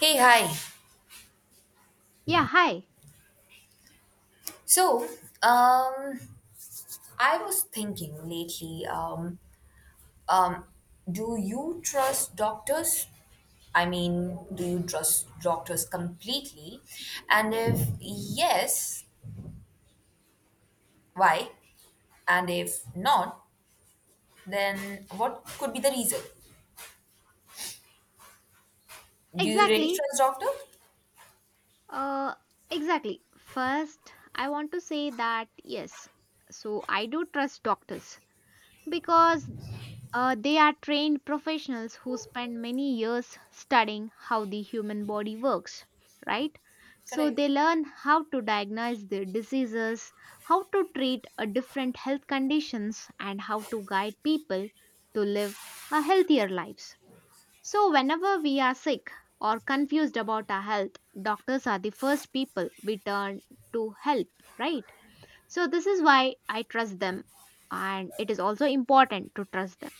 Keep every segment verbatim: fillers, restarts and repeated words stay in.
Hey, hi. Yeah, hi. So, um, I was thinking lately, um, um, do you trust doctors? I mean, do you trust doctors completely? And if yes, why? And if not, then what could be the reason? Do you really Exactly. trust doctor? Uh, exactly. First, I want to say that yes. So I do trust doctors because uh, they are trained professionals who spend many years studying how the human body works, right? So Correct. they learn how to diagnose the diseases, how to treat a different health conditions, and how to guide people to live a healthier lives. So, whenever we are sick or confused about our health, doctors are the first people we turn to help, right? So, this is why I trust them, and it is also important to trust them.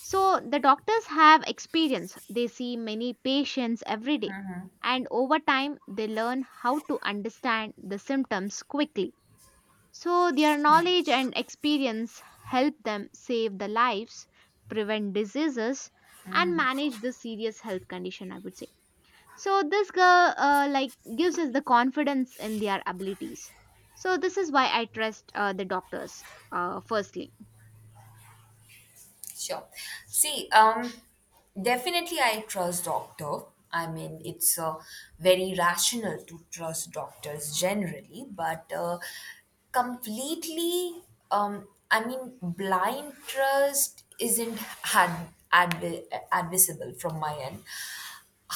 So, the doctors have experience, they see many patients every day, and over time, they learn how to understand the symptoms quickly. So, their knowledge and experience help them save the lives, prevent diseases, and manage the serious health condition, I would say. So, this girl, uh, like, gives us the confidence in their abilities. So, this is why I trust uh, the doctors, uh, firstly. Sure. See, um, definitely I trust doctor. I mean, it's uh, very rational to trust doctors generally, but uh, completely, um, I mean, blind trust isn't ad- ad- advisable from my end.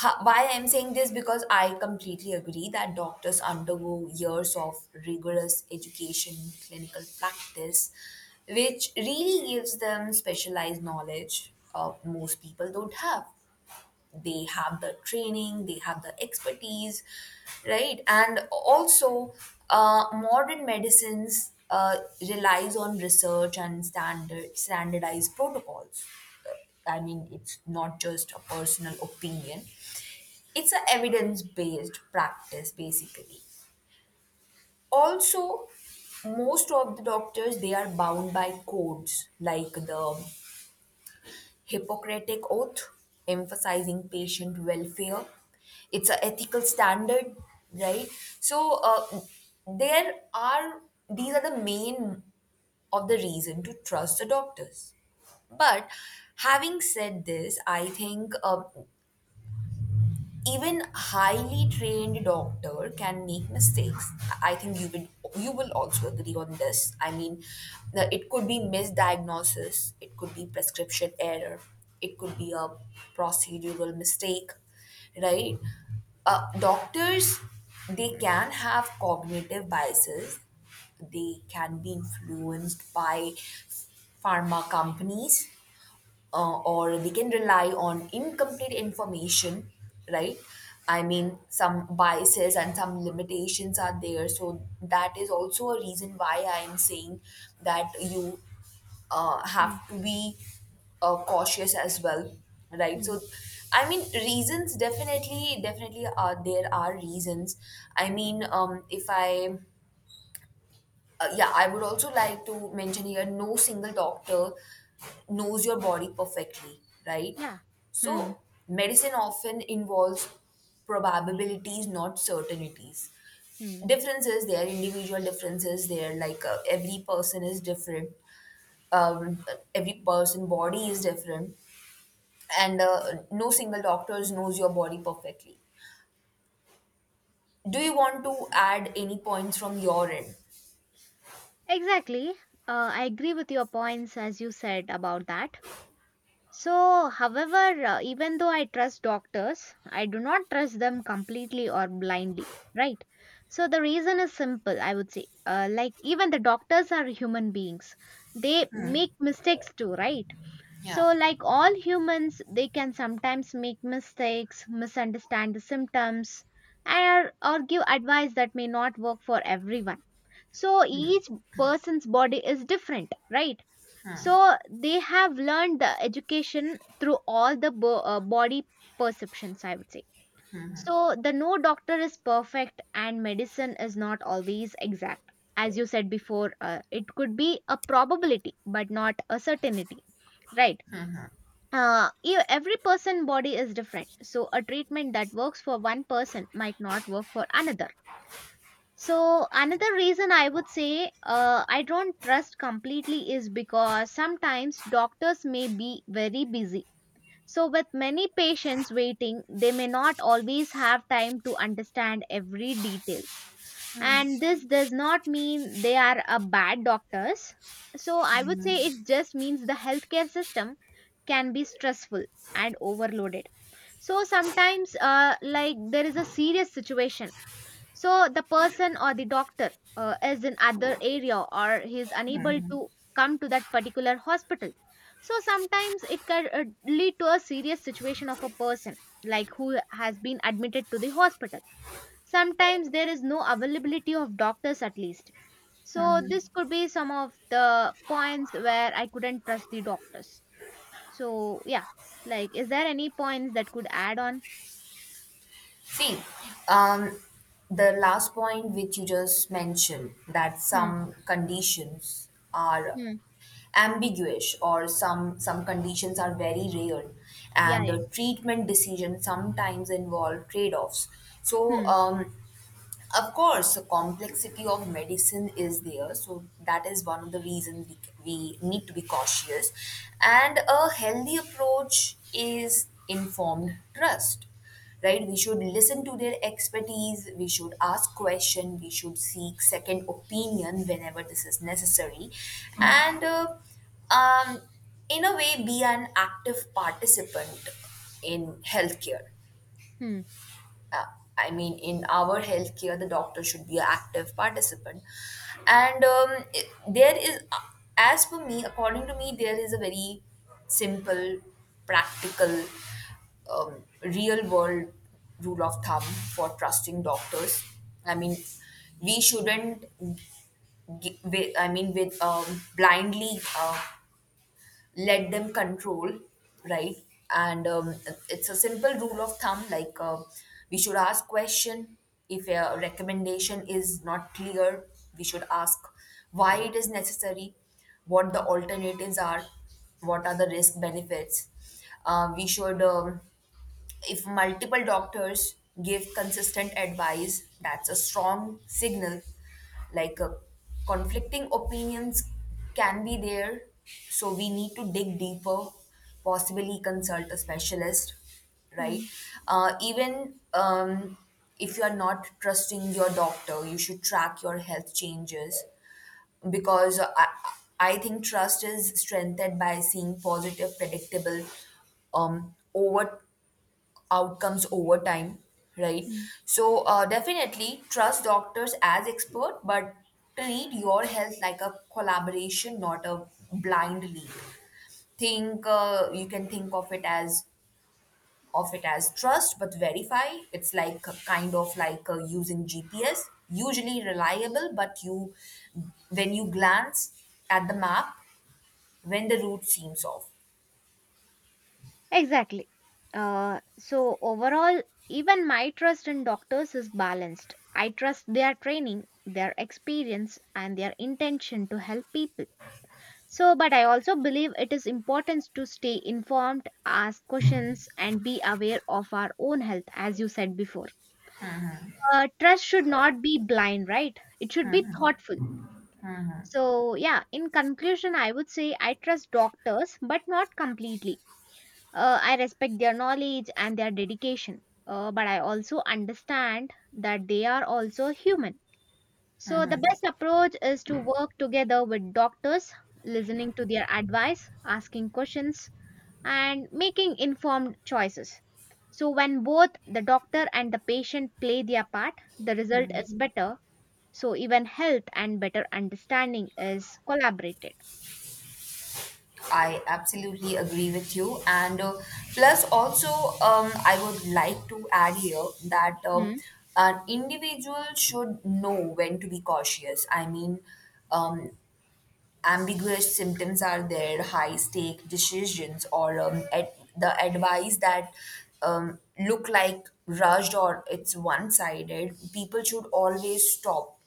Ha- why I'm saying this because I completely agree that doctors undergo years of rigorous education, clinical practice, which really gives them specialized knowledge uh, most people don't have. They have the training, they have the expertise, right? And also, uh, modern medicines uh, relies on research and standard standardized protocols. I mean, it's not just a personal opinion, it's a evidence based practice basically. Also, most of the doctors they are bound by codes like the Hippocratic oath, emphasizing patient welfare. It's a ethical standard, right? So uh, there are these are the main of the reason to trust the doctors. But having said this, I think uh, even highly trained doctor can make mistakes. I think you will, you will also agree on this. I mean, the- it could be misdiagnosis, it could be prescription error, it could be a procedural mistake, right? Uh, doctors, they can have cognitive biases, they can be influenced by pharma companies, uh, or we can rely on incomplete information, right? I mean, some biases and some limitations are there. So, that is also a reason why I am saying that you uh, Mm, have to be uh, cautious as well, right? So, mm. I mean, reasons definitely, definitely are there, are reasons. I mean, um, if I uh, yeah, I would also like to mention here no single doctor knows your Yeah. body perfectly, right? Yeah. Hmm. So, medicine often involves probabilities, not certainties. Hmm. Differences, there are individual differences there, like uh, every person is different, um, every person body is different, and uh, no single doctors knows your body perfectly. Do you want to add any points from your end? Exactly. Uh, I agree with your points as you said about that. So, however, uh, even though I trust doctors, I do not trust them completely or blindly, right? So, the reason is simple, I would say. Uh, like, even the doctors are human beings, they make mistakes too, right? So, like all humans, they can sometimes make mistakes, misunderstand the symptoms, and, or give advice that may not work for everyone. So, each person's body is different, right? So they have learned the education through all the bo- uh, body perceptions, I would say. So the no doctor is perfect and medicine is not always exact. As you said before, uh, it could be a probability but not a certainty, right? Uh, e- every person body is different, so a treatment that works for one person might not work for another. So another reason I would say uh, I don't trust completely is because sometimes doctors may be very busy. So with many patients waiting, they may not always have time to understand every detail. And this does not mean they are a bad doctors. So I would say it just means the healthcare system can be stressful and overloaded. So sometimes uh, like there is a serious situation, so the person or the doctor uh, is in other area or he is unable to come to that particular hospital, so sometimes it can uh, lead to a serious situation of a person like who has been admitted to the hospital. Sometimes there is no availability of doctors at least, so this could be some of the points where I couldn't trust the doctors. So yeah, like is there any points that could add on? See, um, the last point which you just mentioned, that hmm some conditions are hmm ambiguous, or some some conditions are very rare yeah, and yeah. a treatment decision sometimes involve trade-offs. so hmm um, of course, the complexity of medicine is there, so that is one of the reasons we, we need to be cautious. And a healthy approach is informed trust, right? We should listen to their expertise, we should ask questions, we should seek second opinion whenever this is necessary, and uh, um, in a way, be an active participant in healthcare. hmm uh, I mean, in our healthcare, the doctor should be an active participant. And um, it- there is, uh, as for me, according to me, there is a very simple, practical, um, real world rule of thumb for trusting doctors. I mean, we shouldn't, gi- wi- I mean, with um, blindly uh, let them control, right? And um, it's a simple rule of thumb, like uh, we should ask question. If a recommendation is not clear, we should ask why it is necessary, what the alternatives are, what are the risk benefits. Uh, we should um, If multiple doctors give consistent advice, that's a strong signal. Like uh, conflicting opinions can be there, so we need to dig deeper, possibly consult a specialist, right? hmm Uh, even um, If you are not trusting your doctor, you should track your health changes, because I, I think trust is strengthened by seeing positive, predictable um, over outcomes over time, right? hmm So uh, definitely trust doctors as expert, but treat your health like a collaboration, not a blind lead. Think uh, You can think of it as of it as trust but verify. It's like a kind of like uh, using G P S, usually reliable, but you, when you glance at the map when the route seems off. Exactly. Uh, so, overall, even my trust in doctors is balanced. I trust their training, their experience, and their intention to help people. So, but I also believe it is important to stay informed, ask questions, and be aware of our own health, as you said before. Uh, trust should not be blind, right? It should be thoughtful. So, yeah, in conclusion, I would say I trust doctors, but not completely. Uh, I respect their knowledge and their dedication, uh, but I also understand that they are also human. So, the best approach is to work together with doctors, listening to their advice, asking questions, and making informed choices. So, when both the doctor and the patient play their part, the result is better. So, even health and better understanding is collaborated. I absolutely agree with you. And uh, plus, also, um, I would like to add here that um, Hmm, an individual should know when to be cautious. I mean, um, ambiguous symptoms are there, high stake decisions, or um, ad- the advice that um, look like rushed or it's one sided. People should always stop,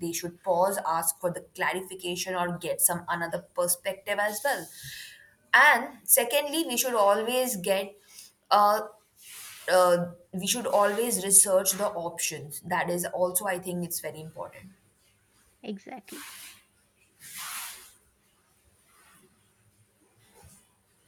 they should pause, ask for the clarification, or get some another perspective as well. And secondly, we should always get uh, uh we should always research the options. That is also, I think, it's very important. exactly.